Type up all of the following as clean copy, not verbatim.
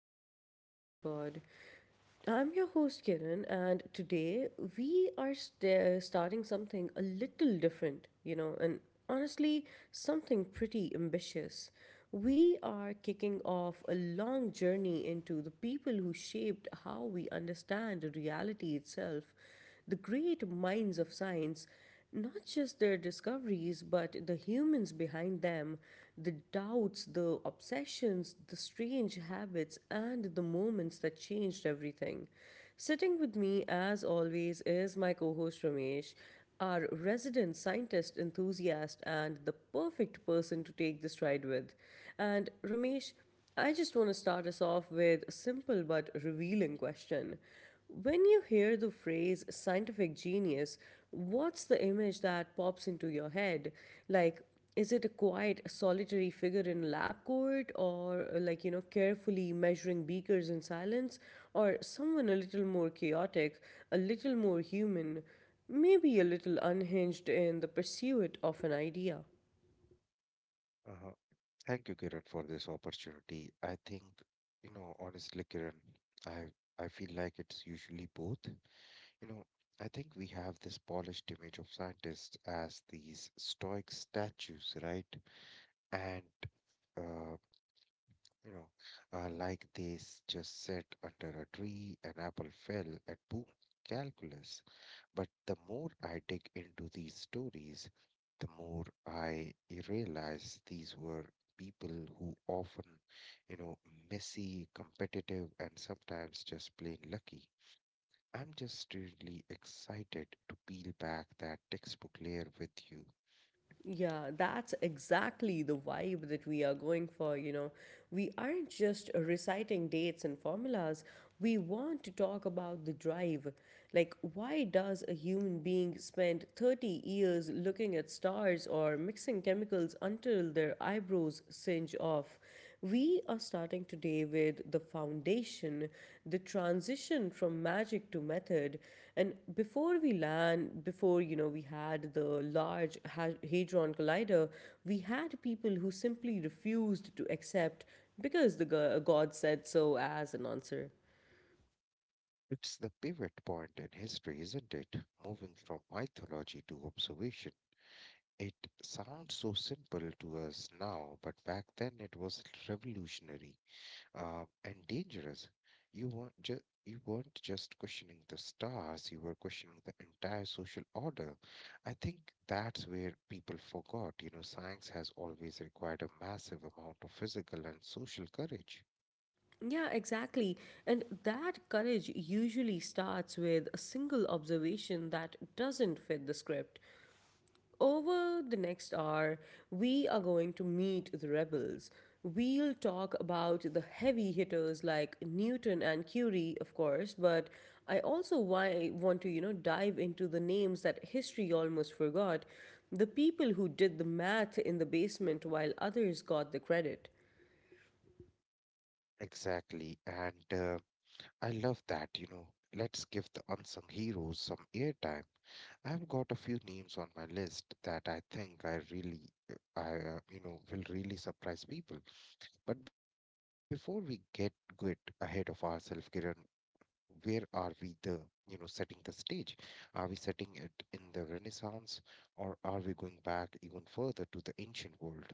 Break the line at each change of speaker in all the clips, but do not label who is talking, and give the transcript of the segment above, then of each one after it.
to the Open Mind Pod. I'm your host Kiran, and today we are starting something a little different, you know, and honestly, something pretty ambitious. We are kicking off a long journey into the people who shaped how we understand reality itself, the great minds of science, not just their discoveries, but the humans behind them, the doubts, the obsessions, the strange habits, and the moments that changed everything. Sitting with me, as always, is my co host Ramesh, our resident scientist enthusiast and the perfect person to take this ride with. And Ramesh, I just want to start us off with a simple but revealing question. When you hear the phrase scientific genius, what's the image that pops into your head? Like, is it a quiet, solitary figure in a lab coat, or like, you know, carefully measuring beakers in silence, or someone a little more chaotic, a little more human, maybe a little unhinged in the pursuit of an idea?
Uh, Thank you, Kiran, for this opportunity. You know, honestly, Kiran, I I feel like it's usually both. You know, I think we have this polished image of scientists as these stoic statues, right? And uh, you know, like just sat under a tree, an apple fell, and boom, calculus. But the more I dig into these stories, the more I realize these were people who often, you know, messy, competitive, and sometimes just plain lucky. I'm just really excited to peel back that textbook layer with you.
Yeah, that's exactly the vibe that we are going for, you know. We aren't just reciting dates and formulas. We want to talk about the drive. Like, why does a human being spend 30 years looking at stars or mixing chemicals until their eyebrows singe off? We are starting today with the foundation, the transition from magic to method. And before we land, before you know, we had the large hadron collider, we had people who simply refused to accept because the god said so as an answer.
It's the pivot point in history, isn't it? Moving from mythology to observation. It sounds so simple to us now, but back then it was revolutionary and dangerous. You weren't just questioning the stars, you were questioning the entire social order. I think that's where people forgot, you know, science has always required a massive amount of physical and social courage.
Yeah, exactly. And that courage usually starts with a single observation that doesn't fit the script. Over the next hour, we are going to meet the rebels. We'll talk about the heavy hitters like Newton and Curie, of course, but I also want to, you know, dive into the names that history almost forgot, the people who did the math in the basement while others got the credit.
Exactly. And I love that, you know. Let's give the unsung heroes some airtime. I've got a few names on my list that I think I really, I, you know, will really surprise people. But before we get good ahead of ourselves, Kiran, where are we setting the stage? Are we setting it in the Renaissance or are we going back even further to the ancient world?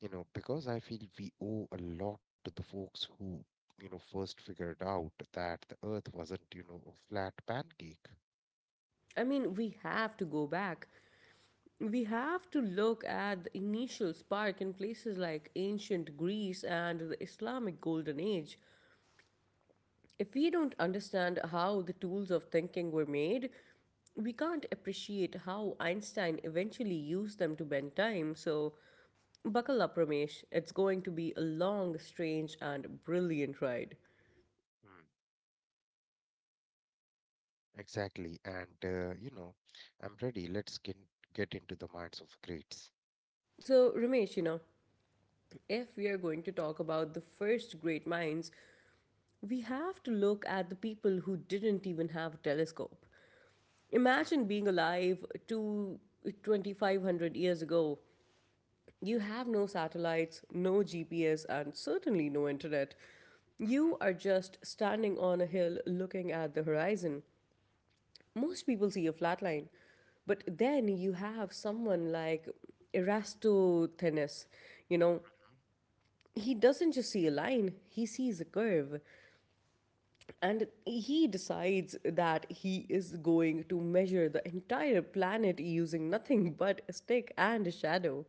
You know, because I feel we owe a lot to the folks who, you know, first figured out that the Earth wasn't, you know, a flat pancake.
I mean, we have to go back. We have to look at the initial spark in places like ancient Greece and the Islamic Golden Age. If we don't understand how the tools of thinking were made, we can't appreciate how Einstein eventually used them to bend time. So, buckle up, Ramesh. It's going to be a long, strange, and brilliant ride.
Hmm. Exactly. And, you know, I'm ready. Get into the minds of the greats.
So, Ramesh, you know, if we are going to talk about the first great minds, we have to look at the people who didn't even have a telescope. Imagine
Mhm.
being alive to 2500 years ago. You have no satellites, no GPS, and certainly no internet.
Mhm.
You are just standing on a hill looking at the horizon. Most people see a flat line. But then you have someone like Eratosthenes. You know,
Mhm.
he doesn't just see a line, he sees a curve. And he decides that he is going to measure the entire planet using nothing but a stick and a shadow.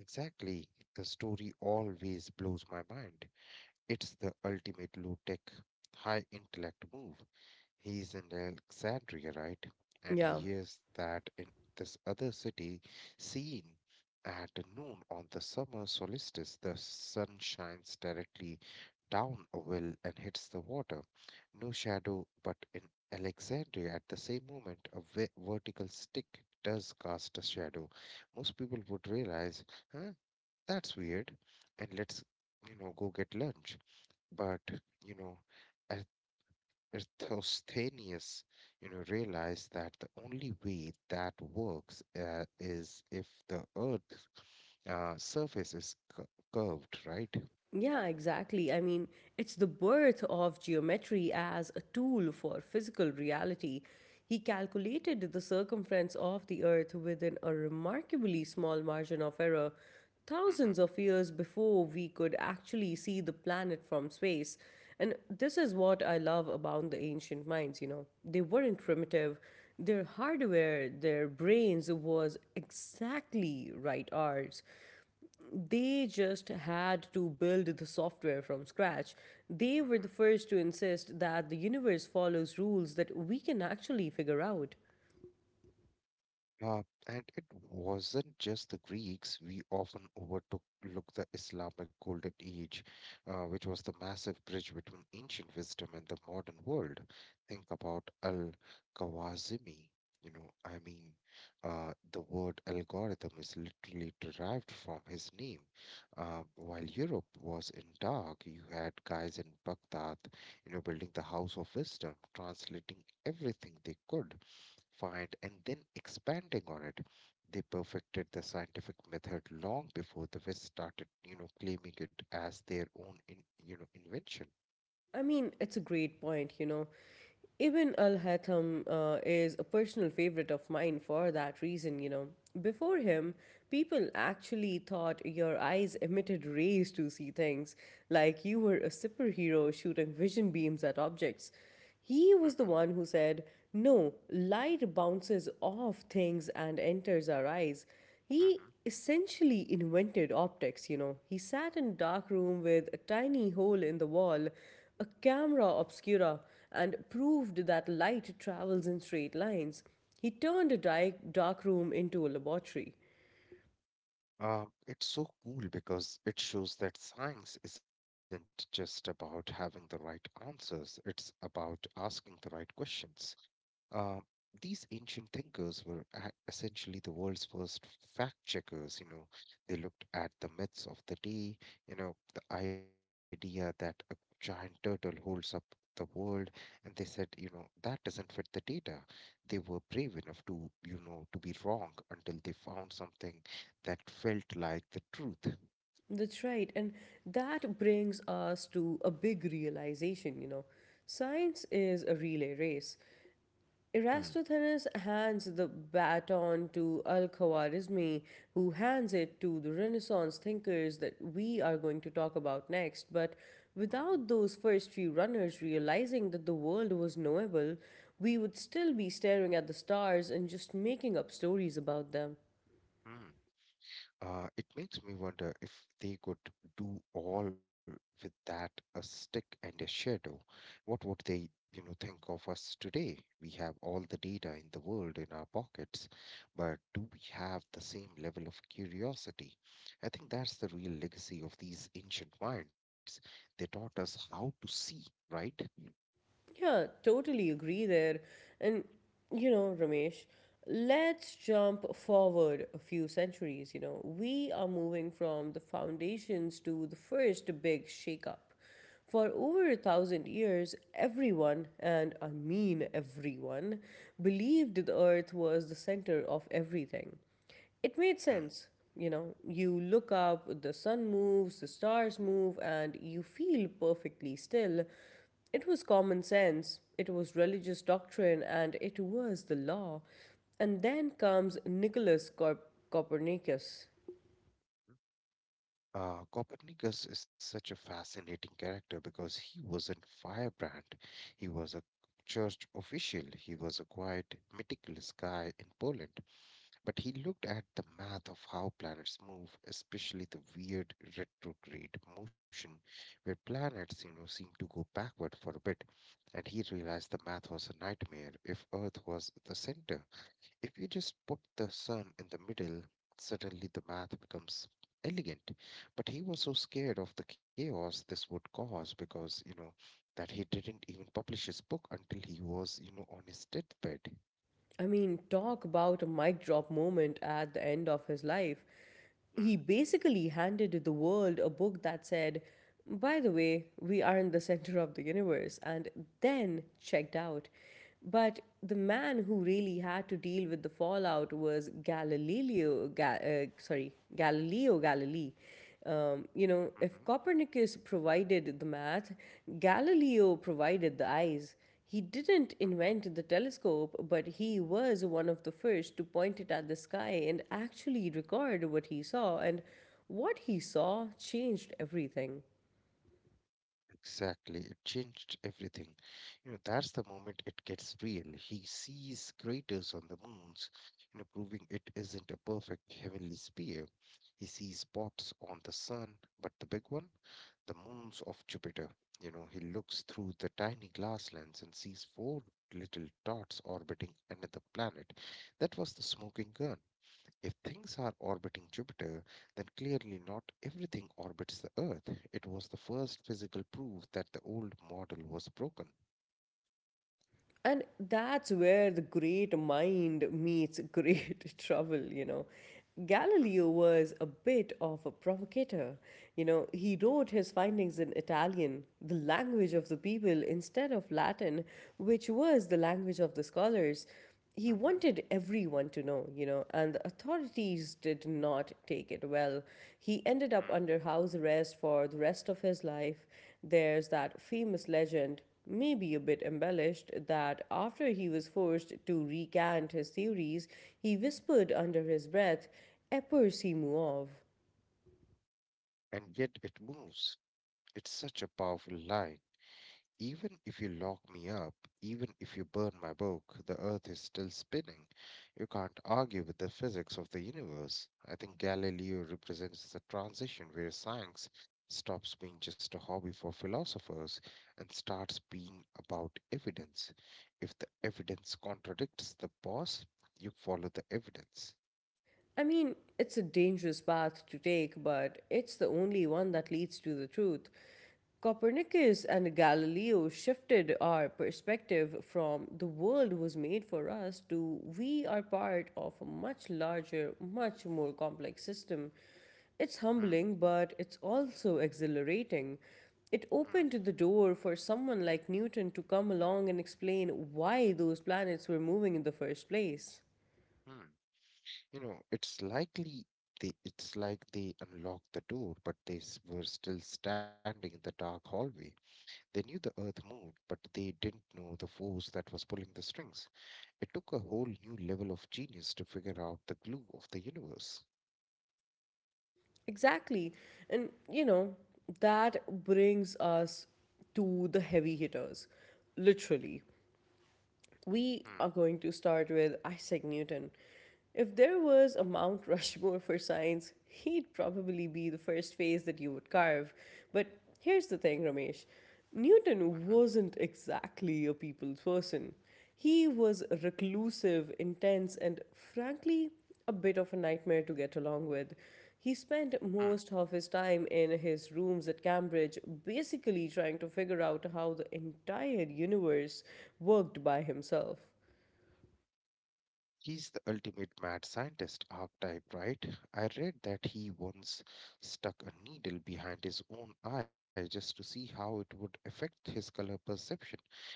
Exactly. The story always blows my mind. It's the ultimate low tech, high intellect move. He's in Alexandria, right? And he
Yeah.
hears that in this other city, seen at noon on the summer solstice, the sun shines directly down a well and hits the water. No shadow, but in Alexandria, at the same moment, a vertical stick does cast a shadow. Most people would realize, huh, that's weird, and let's, you know, go get lunch. But, you know, as Eratosthenes, you know, realized that the only way that works is if the Earth surface is curved, right?
Yeah, exactly. I mean, it's the birth of geometry as a tool for physical reality. He calculated the circumference of the Earth within a remarkably small margin of error,
Mm-hmm.
thousands of years before we could actually see the planet from space. And this is what I love about the ancient minds, you know. They weren't primitive. Their hardware, their brains, was exactly right ours. They just had to build the software from scratch. They were the first to insist that the universe follows rules that we can actually figure out.
Uh, and it wasn't just the Greeks. We often overtook look the Islamic Golden Age, which was the massive bridge between ancient wisdom and the modern world. Think about Al-Khwarizmi. You know, I mean, the word algorithm is literally derived from his name. While Europe was in dark, you had guys in Baghdad, you know, building the house of wisdom, translating everything they could find, and then expanding on it. They perfected the scientific method long before the West started, you know, claiming it as their own, in, you know, invention.
I mean, it's a great point, you know. Ibn al Haytham is a personal favorite of mine for that reason, you know. Before him, people actually thought your eyes emitted rays to see things, like you were a superhero shooting vision beams at objects. He was
Mm-hmm.
the one who said, no, light bounces off things and enters our eyes. He
Mm-hmm.
essentially invented optics, you know. He sat in a dark room with a tiny hole in the wall, a camera obscura, and proved that light travels in straight lines. He turned a dark room into a laboratory.
It's so cool because it shows that science isn't just about having the right answers, it's about asking the right questions. Uh, these ancient thinkers were essentially the world's first fact checkers. You know, they looked at the myths of the day, you know, the idea that a giant turtle holds up the world, and they said, you know, that doesn't fit the data. They were brave enough to, you know, to be wrong until they found something that felt like the truth.
That's right, and that brings us to a big realization, you know. Science is a relay race.
Hmm.
Eratosthenes hands the baton to Al-Khwarizmi, who hands it to the Renaissance thinkers that we are going to talk about next. But without those first few runners realizing that the world was knowable, we would still be staring at the stars and just making up stories about them.
Hmm. It makes me wonder if they could do all with that a stick and a shadow. What would they, you know, think of us today? We have all the data in the world in our pockets, but do we have the same level of curiosity? I think that's the real legacy of these ancient minds. They taught us how to see, right?
Yeah, totally agree there. And you know, Ramesh, let's jump forward a few centuries. You know, we are moving from the foundations to the first big shakeup. For over a thousand years, everyone, and I mean everyone, believed the earth was the center of everything. It
Mm. Mhm.
made sense. You know, you look up, the sun moves, the stars move, and you feel perfectly still. It was common sense, it was religious doctrine, and it was the law. And then comes Nicholas Copernicus.
Copernicus is such a fascinating character because he wasn't firebrand. He was a church official. He was a quiet, meticulous guy in Poland. But he looked at the math of how planets move, especially the weird retrograde motion where planets, you know, seem to go backward for a bit. And he realized the math was a nightmare if Earth was the center. If you just put the sun in the middle, suddenly the math becomes elegant. But he was so scared of the chaos this would cause because, you know, that he didn't even publish his book until he was, you know, on his deathbed.
I mean, talk about a mic drop moment at the end of his life.
Mm-hmm.
He basically handed the world a book that said, by the way, we aren't the center of the universe, and then checked out. But the man who really had to deal with the fallout was Galileo Galilei. You know, if Copernicus provided the math, Galileo provided the eyes. He didn't
Hmm.
invent the telescope, but he was one of the first to point it at the sky and actually record what he saw, and what he saw changed everything.
Exactly. It changed everything. You know, that's the moment it gets real. He sees craters on the moons, you know, proving it isn't a perfect heavenly sphere. He sees spots on the sun, but the big one, the moons of Jupiter. You know, he looks through the tiny glass lens and sees four little dots orbiting another planet. That was the smoking gun. If things are orbiting Jupiter, then clearly not everything orbits the Earth. It was the first physical proof that the old model was broken.
And that's where the great mind meets great trouble, you know.
Mm.
Galileo was a bit of a provocateur. You know, he wrote his findings in Italian, the language of the people, instead of Latin, which was the language of the scholars.
Mm.
He
Mhm.
wanted everyone to know, you know, and the authorities did not take it well. He ended up
Mm.
under house arrest for the rest of his life. There's that famous legend, maybe a bit embellished, that after he was forced to recant his theories, he whispered under his breath, Eper Simuov.
And yet it moves. It's such a powerful line. Even if you lock me up, even if you burn my book, the earth is still spinning. You can't argue with the physics of the universe. I think Galileo represents the transition where science stops being just a hobby for philosophers and starts being about evidence. If the evidence contradicts the boss, you follow the evidence.
I mean, it's a dangerous path to take, but it's the only one that leads to the truth. Copernicus and Galileo shifted our perspective from the world was made for us to we are part of a much larger, much more complex system. It's
Hmm.
humbling, but it's also exhilarating. It
Hmm.
opened the door for someone like Newton to come along and explain why those planets were moving in the first place.
Hmm. You know, it's likely it's like they unlocked the door, but were still standing in the dark hallway. They knew the earth moved, but they didn't know the force that was pulling the strings. It took a whole new level of genius to figure out the glue of the universe.
Exactly. And, you know, that brings us to the heavy hitters, literally. We
Mm.
are going to start with Isaac Newton. If there was a Mount Rushmore for science, he'd probably be the first face that you would carve. But here's the thing, Ramesh, Newton
Mhm.
wasn't exactly a people's person. He was reclusive, intense, and frankly, a bit of a nightmare to get along with. He spent
Mm.
most of his time in his rooms at Cambridge, basically trying to figure out how the entire universe worked by himself.
He's the ultimate mad scientist archetype, right? I read that he once stuck a needle behind his own eye just to see how it would affect his color perception.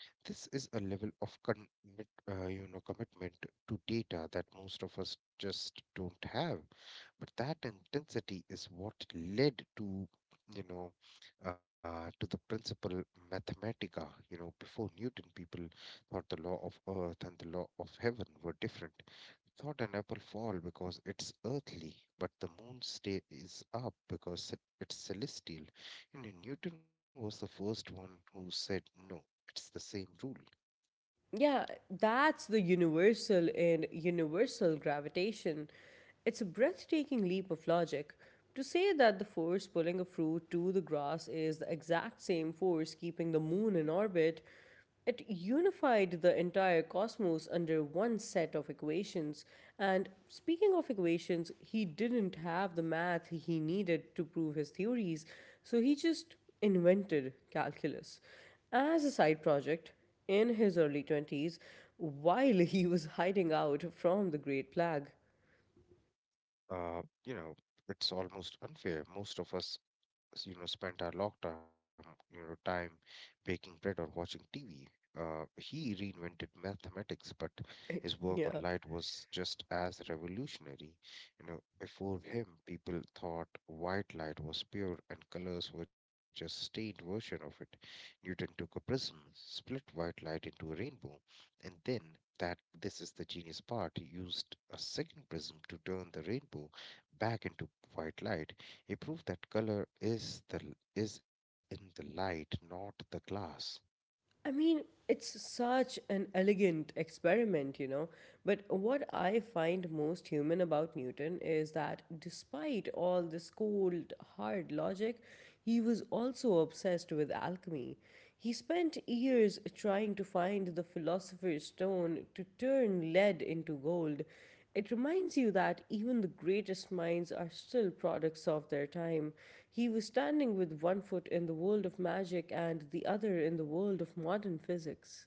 This is a level of commitment to data that most of us just don't have. But that intensity is what led to, you know, to the principle Mathematica. You know, before Newton, people thought the law of earth and the law of heaven were different. Thought an apple fall because it's earthly, but the moon stay is up because it's celestial. You know, Newton was the first one who said no. It's the same rule.
Yeah, that's the universal in universal gravitation. It's a breathtaking leap of logic. To say that the force pulling a fruit to the grass is the exact same force keeping the moon in orbit, it unified the entire cosmos under one set of equations. And speaking of equations, he didn't have the math he needed to prove his theories, so he just invented calculus. As a side project, in his early 20s while he was hiding out from the Great Plague.
You know, it's almost unfair. Most of us you know spent our lock time you know time baking bread or watching TV. He reinvented mathematics, but his work on
Yeah.
light was just as revolutionary. You know, before him, people thought white light was pure and colors were just stained version of it. Newton took a prism, split white light into a rainbow, and then that this is the genius part, used a second prism to turn the rainbow back into white light. He proved that color is the is in the light, not the glass.
I mean, it's such an elegant experiment, you know. But what I find most human about Newton is that despite all this cold, hard logic, he was also obsessed with alchemy. He spent years trying to find the philosopher's stone to turn lead into gold. It reminds you that even the greatest minds are still products of their time. He was standing with one foot in the world of magic and the other in the world of modern physics.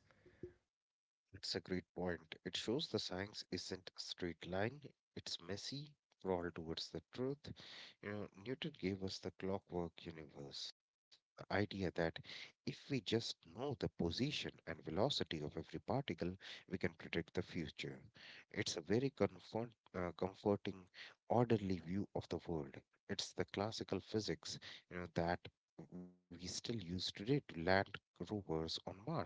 It's a great point. It shows the science isn't a straight line, it's messy, crawl towards the truth. You know, Newton gave us the clockwork universe, the idea that if we just know the position and velocity of every particle, we can predict the future. It's a very comforting, orderly view of the world. It's the classical physics, you know, that we still use today to land rovers on Mars.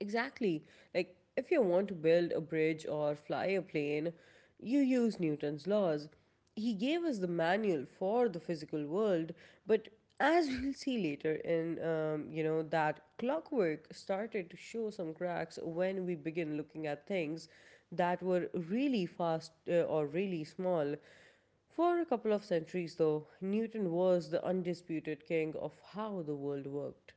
Exactly. Like, if you want to build a bridge or fly a plane, you use Newton's laws. He gave us the manual for the physical world, but as we'll see later you know, that clockwork started to show some cracks when we begin looking at things that were really fast or really small. For a couple of centuries, though, Newton was the undisputed king of how the world worked.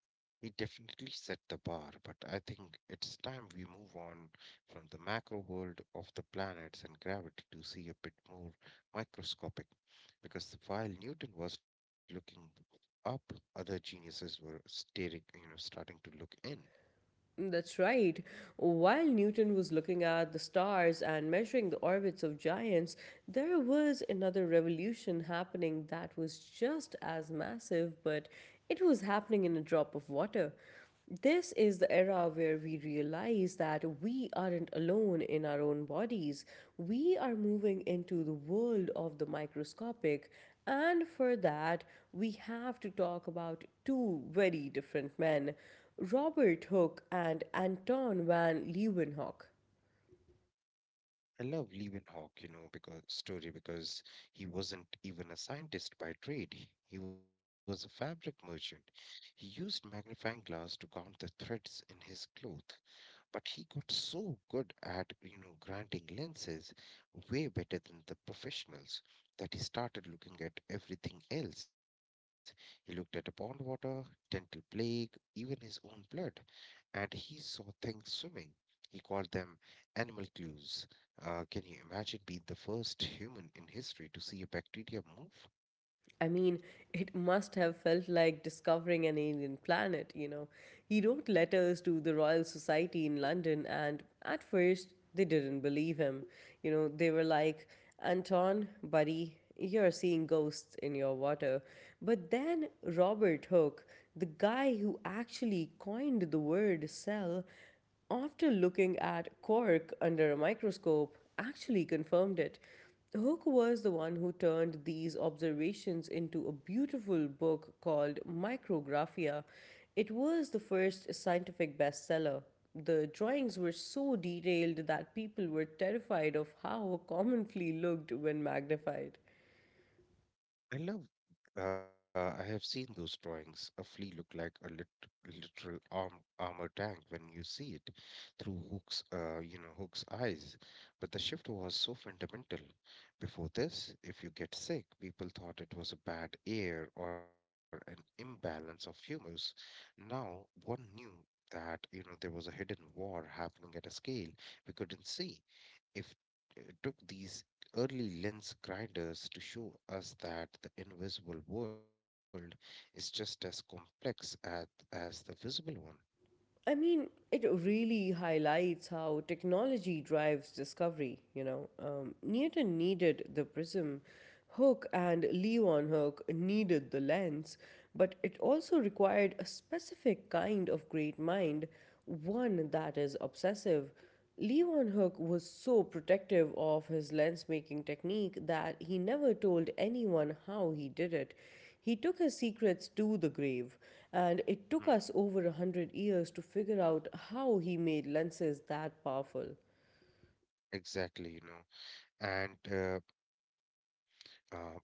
He definitely set the bar, but I think it's time we move on from the macro world of the planets and gravity to see a bit more microscopic. Because while Newton was looking up, other geniuses were starting to look in.
That's right. While Newton was looking at the stars and measuring the orbits of giants, there was another revolution happening that was just as massive, but it was happening in a drop of water. This is the era where we realize that we aren't alone in our own bodies. We are moving into the world of the microscopic, and for that, we have to talk about two very different men. Robert Hooke and Anton van Leeuwenhoek.
I love Leeuwenhoek, you know, because he wasn't even a scientist by trade. He was a fabric merchant. He used magnifying glass to count the threads in his cloth, but he got so good at, you know, granting lenses way better than the professionals that he started looking at everything else. He looked at pond water, dental plague, even his own blood, and he saw things swimming. He called them animal clues. Uh, can you imagine being the first human in history to see a bacteria move?
I mean, it must have felt like discovering an alien planet, you know. He wrote letters to the Royal Society in London, and at first they didn't believe him. You know, they were like, Anton, buddy, you're seeing ghosts in your water. But then Robert Hooke, the guy who actually coined the word cell, after looking at cork under a microscope, actually confirmed it. Hooke was the one who turned these observations into a beautiful book called Micrographia. It was the first scientific bestseller. The drawings were so detailed that people were terrified of how a common flea looked when magnified.
i love I have seen those drawings. A flea look like a literal armor tank when you see it through Hook's, Hook's eyes. But the shift was so fundamental. Before this, if you get sick, people thought it was a bad air or an imbalance of humors. Now one knew that, you know, there was a hidden war happening at a scale we couldn't see if it took these early lens grinders to show us that the invisible world is just as complex at, as the visible one.
I mean, it really highlights how technology drives discovery, you know. Newton needed the prism, Hook and Leon needed the lens, but it also required a specific kind of great mind, one that is obsessive. Leon was so protective of his lens making technique that he never told anyone how he did it. He took his secrets to the grave, and it took
Mm.
us over a hundred years to figure out how he made lenses that powerful.
Exactly, you know. And uh,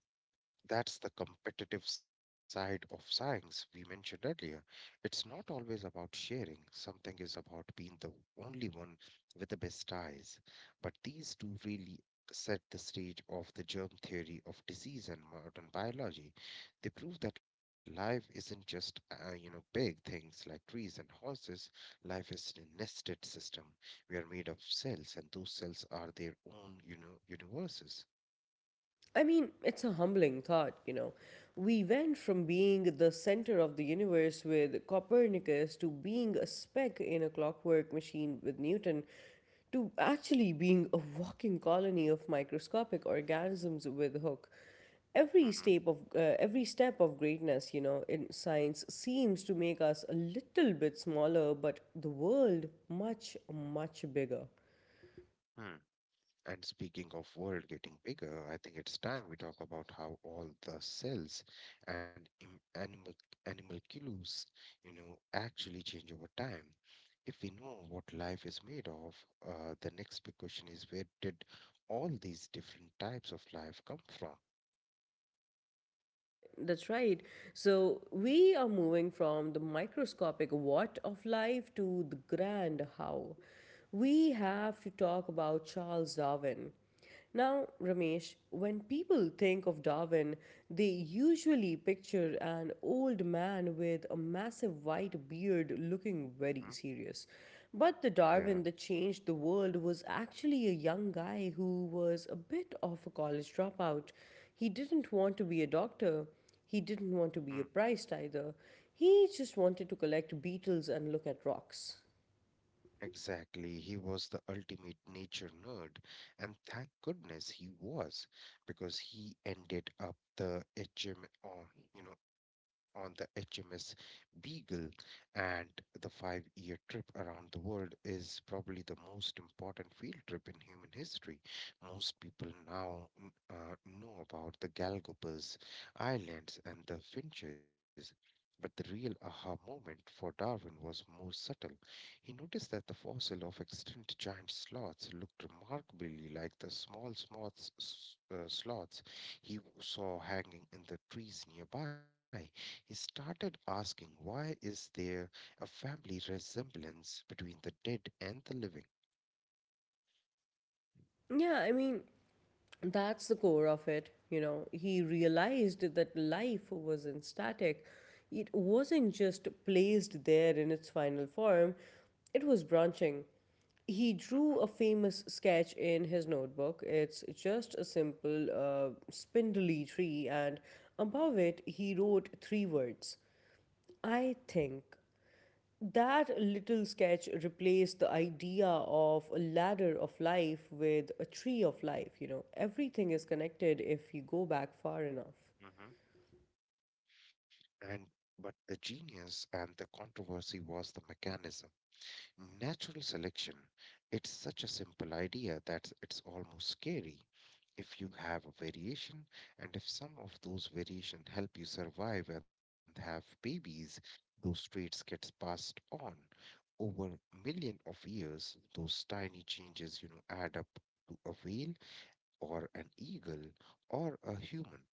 that's the competitive side of science we mentioned earlier. It's not always about sharing, something is about being the only one with the best eyes. But these two really set the stage of the germ theory of disease and modern biology. They prove that life isn't just, big things like trees and horses. Life is a nested system. We are made of cells, and those cells are their own, universes.
I mean, it's a humbling thought, you know. We went from being the center of the universe with Copernicus to being a speck in a clockwork machine with Newton to actually being a walking colony of microscopic organisms with Hooke.
Mm-hmm.
Every step of greatness, you know, in science seems to make us a little bit smaller, but the world much bigger.
And speaking of world getting bigger, I think it's time we talk about how all the cells and animalcules, actually change over time. If we know what life is made of, the next big question is where did all these different types of life come from?
That's right. So we are moving from the microscopic what of life to the grand how. We have to talk about Charles Darwin. Now, Ramesh, when people think of Darwin, they usually picture an old man with a massive white beard looking very
Mhm.
serious. But the Darwin
Yeah.
that changed the world was actually a young guy who was a bit of a college dropout. He didn't want to be a doctor. He didn't want to be a priest either. He just wanted to collect beetles and look at rocks.
Exactly. He was the ultimate nature nerd. And thank goodness he was, because he ended up the HM on, you know, on the HMS Beagle. And the five-year trip around the world is probably the most important field trip in human history. Most people now know about the Galapagos Islands and the Finches. But the real aha moment for Darwin was more subtle. He noticed that the fossil of extinct giant sloths looked remarkably like the small sloths he saw hanging in the trees nearby. He started asking, why is there a family resemblance between the dead and the living?
Yeah, I mean, that's the core of it. You know, he realized that life wasn't static, it wasn't just placed there in its final form, it was branching. He
hmm
drew a famous sketch in his notebook. It's just a simple spindly tree, and above it, he wrote three words I think that little sketch replaced the idea of a ladder of life with a tree of life. You know, everything is connected if you go back far enough.
hmm And but the genius and the controversy was the mechanism. Natural selection. It's such a simple idea that it's almost scary. If you have a variation, and if some of those variation help you survive and have babies, those traits gets passed on. Over million of years, those tiny changes, add up to a whale or an eagle or a human.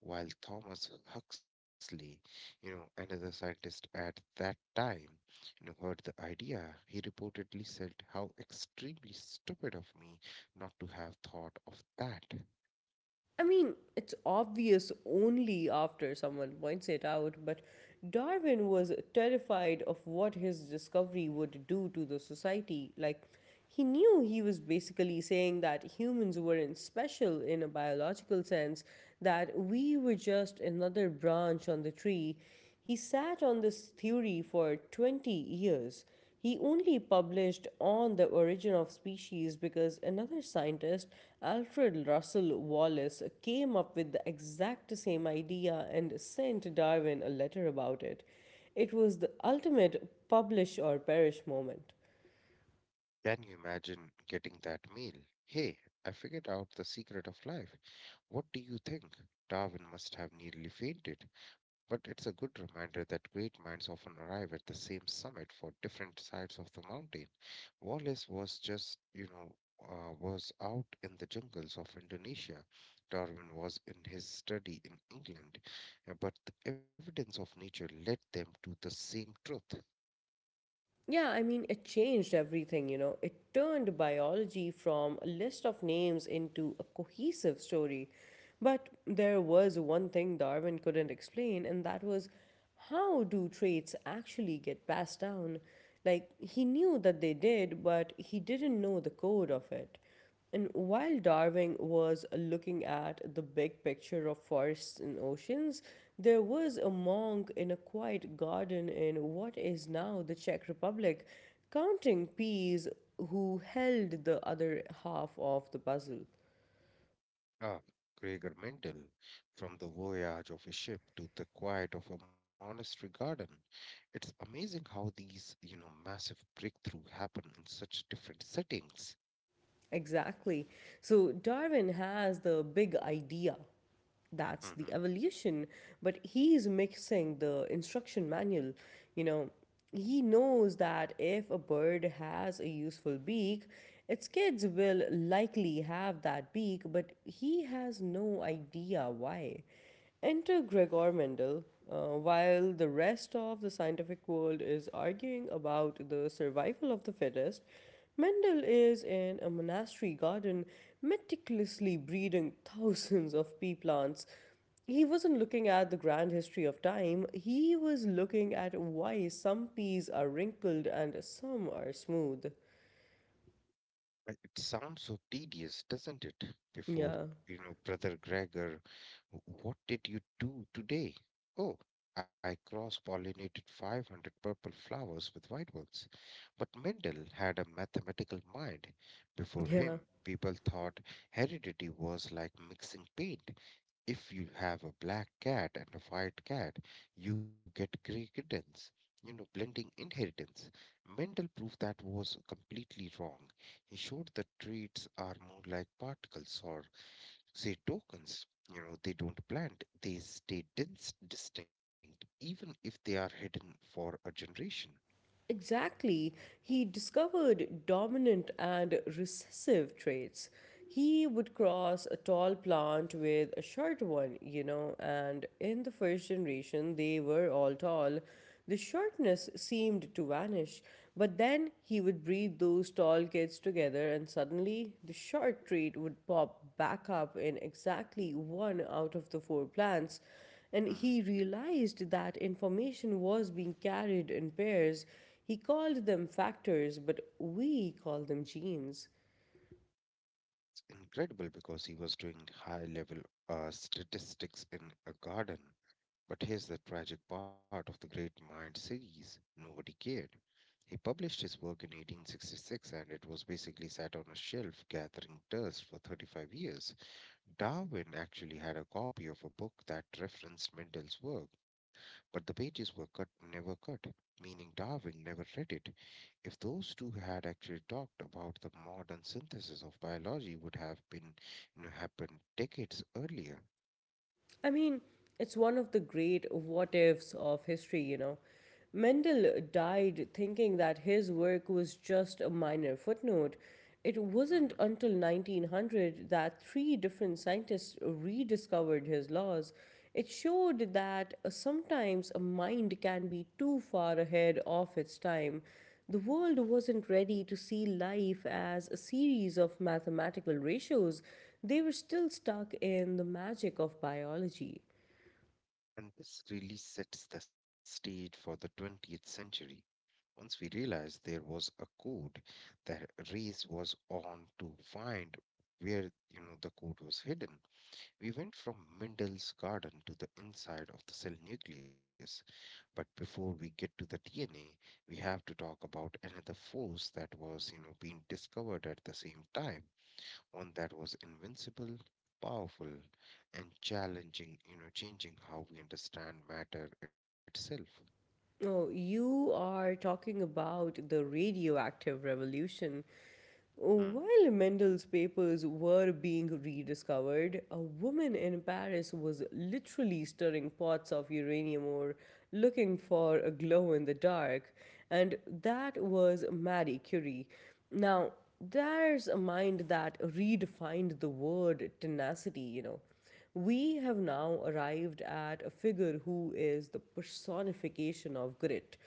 While Thomas Huxley, another scientist at that time, heard the idea, he reportedly said, how extremely stupid of me not to have thought of that.
I mean, it's obvious only after someone points it out, but Darwin was terrified of what his discovery would do to the society. Like, he knew he was basically saying that humans weren't special in a biological sense, that we were just another branch on the tree. He sat on this theory for 20 years. He only published on the origin of species because another scientist, Alfred Russel Wallace, came up with the exact same idea and sent Darwin a letter about it. It was the ultimate publish or perish moment.
Can you imagine getting that meal? Hey, I figured out the secret of life. What do you think? Darwin must have nearly fainted, but it's a good reminder that great minds often arrive at the same summit for different sides of the mountain. Wallace was just, was out in the jungles of Indonesia. Darwin was in his study in England, but the evidence of nature led them to the same truth.
Yeah, I mean, it changed everything, you know. It turned biology from a list of names into a cohesive story. But there was one thing Darwin couldn't explain, and that was how do traits actually get passed down? Like, he knew that they did, but he didn't know the code of it. And while Darwin was looking at the big picture of forests and oceans, there was a monk in a quiet garden in what is now the Czech Republic counting peas who held the other half of the puzzle.
Ah, Gregor Mendel, from the voyage of a ship to the quiet of a monastery garden. It's amazing how these, massive breakthrough happen in such different settings.
Exactly. So Darwin has the big idea, that's the
hmm
evolution but he is mixing the instruction manual, you know. He knows that if a bird has a useful beak its kids will likely have that beak but he has no idea why. Enter Gregor Mendel. While the rest of the scientific world is arguing about the survival of the fittest, Mendel is in a monastery garden meticulously breeding thousands of pea plants. He wasn't looking at the grand history of time, he was looking at why some peas are wrinkled and some are smooth.
It sounds so tedious, doesn't it? Before,
Yeah,
Brother Gregor, what did you do today? Oh, I cross-pollinated 500 purple flowers with white ones. But Mendel had a mathematical mind. Before
yeah.
him, people thought heredity was like mixing paint. If you have a black cat and a white cat, you get grey kittens, blending inheritance. Mendel proved that was completely wrong. He showed that traits are more like particles or, say, tokens. You know, they don't blend, they stay dense, distinct, even if they are hidden for a generation.
Exactly. He discovered dominant and recessive traits. He would cross a tall plant with a short one, you know, and in the first generation, they were all tall. The shortness seemed to vanish, but then he would breed those tall kids together, and suddenly the short trait would pop back up in exactly one out of the four plants and
Hmm.
he realized that information was being carried in pairs. He called them factors, but we call them genes.
Incredible because he was doing high level statistics in a garden. But here's the tragic part of the Great Mind series, nobody cared. He published his work in 1866, and it was basically sat on a shelf gathering dust for 35 years. Darwin actually had a copy of a book that referenced Mendel's work, but the pages were cut never cut, meaning Darwin never read it. If those two had actually talked, about the modern synthesis of biology would have been, happened decades earlier.
I mean, it's one of the great what ifs of history, you know. Mendel died thinking that his work was just a minor footnote. It
hmm
wasn't until 1900 that three different scientists rediscovered his laws. It showed that sometimes a mind can be too far ahead of its time the world wasn't ready to see life as a series of mathematical ratios. They were still stuck in the magic of biology.
And this really sets the stage for the 20th century. Once we realized there was a code, the race was on to find where, the code was hidden. We went from Mendel's garden to the inside of the cell nucleus, but before we get to the DNA, we have to talk about another force that was, being discovered at the same time, one that was invincible, powerful, and challenging, changing how we understand matter itself.
Oh, you are talking about the radioactive revolution.
Mm,
While Mendel's papers were being rediscovered, a woman in Paris was literally stirring pots of uranium ore looking for a glow in the dark, and that was Marie Curie. Now, there's a mind that redefined the word tenacity, you know. We have now arrived at a figure who is the personification of grit.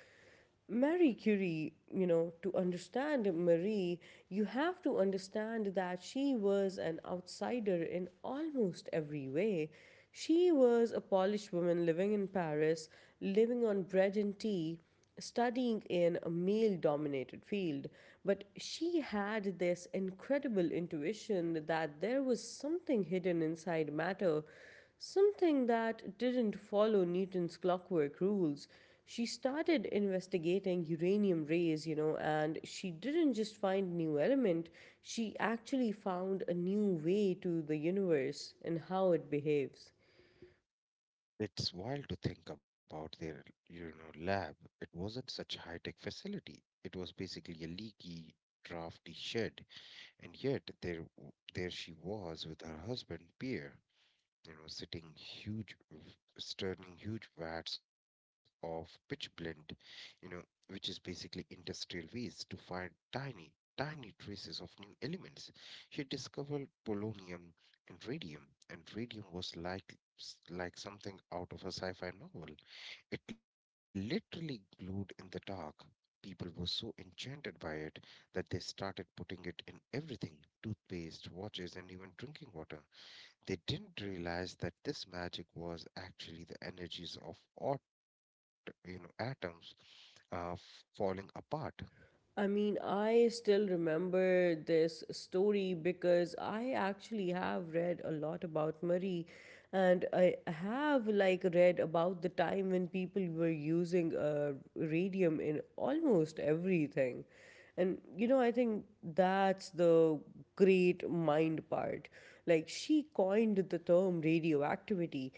mm.
Marie Curie, you know, to understand Marie, you have to understand that she was an outsider in almost every way. She was a Polish woman living in Paris, living on bread and tea, studying in a male dominated field. But she had this incredible intuition that there was something hidden inside matter. Something that didn't follow Newton's clockwork rules. She started investigating uranium rays, you know, and she didn't just find a new element, she actually found a new way to the universe and how it behaves.
It's wild to think about their, lab. It wasn't such high-tech facility. It was basically a leaky, drafty shed. And yet there she was with her husband Pierre, stirring huge vats of pitch blend, you know, which is basically industrial waste, to find tiny, tiny traces of new elements. She discovered polonium and radium was like like something out of a sci-fi novel. It literally glowed in the dark. People were so enchanted by it that they started putting it in everything: toothpaste, watches, and even drinking water. They didn't realize that this magic was actually the energies of atoms falling apart.
I mean, I still remember this story because I actually have read a lot about Marie and I have like read about the time when people were using radium in almost everything. And you know, I think that's the great mind part. Like, she coined the term radioactivity.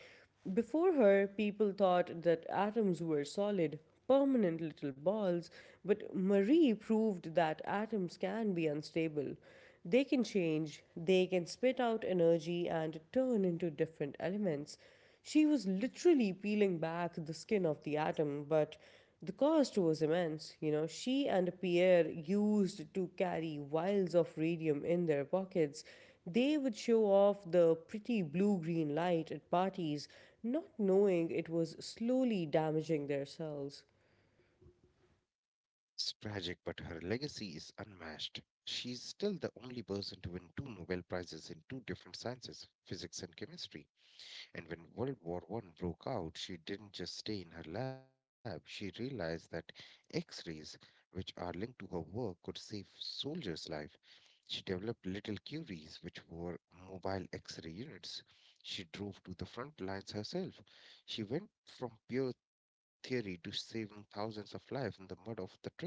Before her, people thought that atoms were solid, permanent little balls, but Marie proved that atoms can be unstable. They can change, they can spit out energy and turn into different elements. She was literally peeling back the skin of the atom, but the cost was immense. You know, she and Pierre used to carry vials of radium in their pockets. They would show off the pretty blue green light at parties, not knowing it was slowly damaging their cells.
It's tragic, but her legacy is unmatched. She's still the only person to win two Nobel Prizes in two different sciences, physics and chemistry. And when World War I broke out, she didn't just stay in her lab. She realized that X rays, which are linked to her work, could save soldiers' lives. She developed little Curies, which were mobile X ray units. She drove to the front lines herself. She went from pure theory to saving thousands of lives in the mud of the trenches.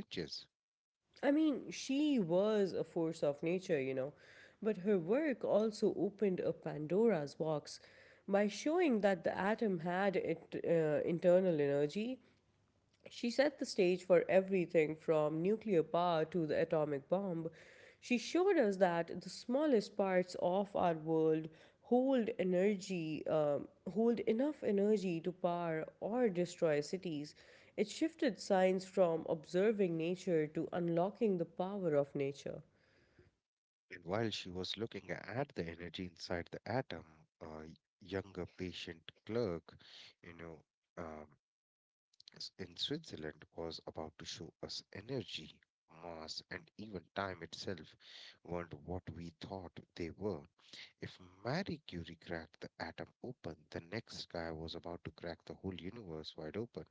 I mean, she was a force of nature, you know, but her work also opened a Pandora's box by showing that the atom had it, internal energy. She set the stage for everything from nuclear power to the atomic bomb. She showed us that the smallest parts of our world hold energy, hold enough energy to power or destroy cities. It shifted science from observing nature to unlocking the power of nature.
And while she was looking at the energy inside the atom, a younger patient clerk, you know, um, in Switzerland was about to show us energy, mass, and even time itself weren't what we thought they were. If Marie Curie cracked the atom open, the next guy was about to crack the whole universe wide open.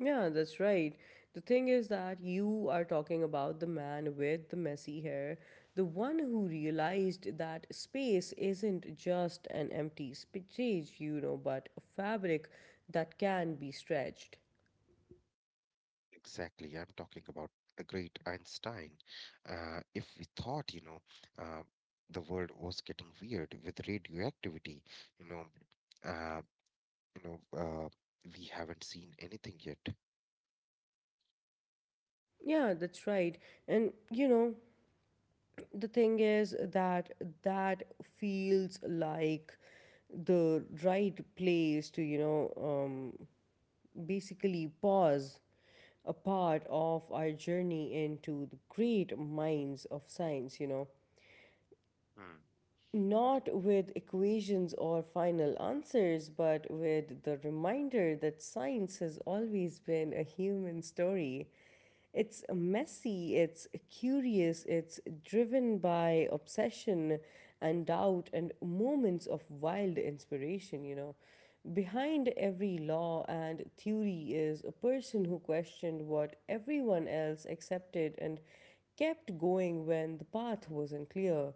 Yeah, that's right. The thing is that you are talking about the man with the messy hair, the one who realized that space isn't just an empty space, you know, but a fabric that can be stretched.
Exactly, I'm talking about the great Einstein. If we thought, uh, the world was getting weird with radioactivity, you know, uh, you know, uh, we haven't seen anything yet.
Yeah, that's right. And you know, the thing is that that feels like the right place to, you know, basically pause a part of our journey into the great minds of science, you know,
Hmm.
not with equations or final answers, but with the reminder that science has always been a human story. It's messy, it's curious, it's driven by obsession and doubt and moments of wild inspiration, you know. Behind every law and theory is a person who questioned what everyone else accepted and kept going when the path wasn't clear.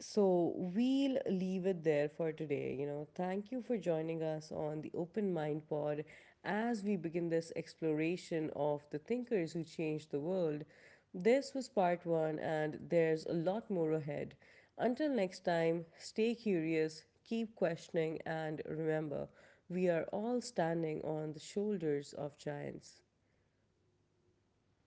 So we'll leave it there for today. You know, thank you for joining us on the Open Mind Pod as we begin this exploration of the thinkers who changed the world. This was part one, and there's a lot more ahead. Until next time, stay curious, keep questioning, and remember, we are all standing on the shoulders of giants.
Thank you.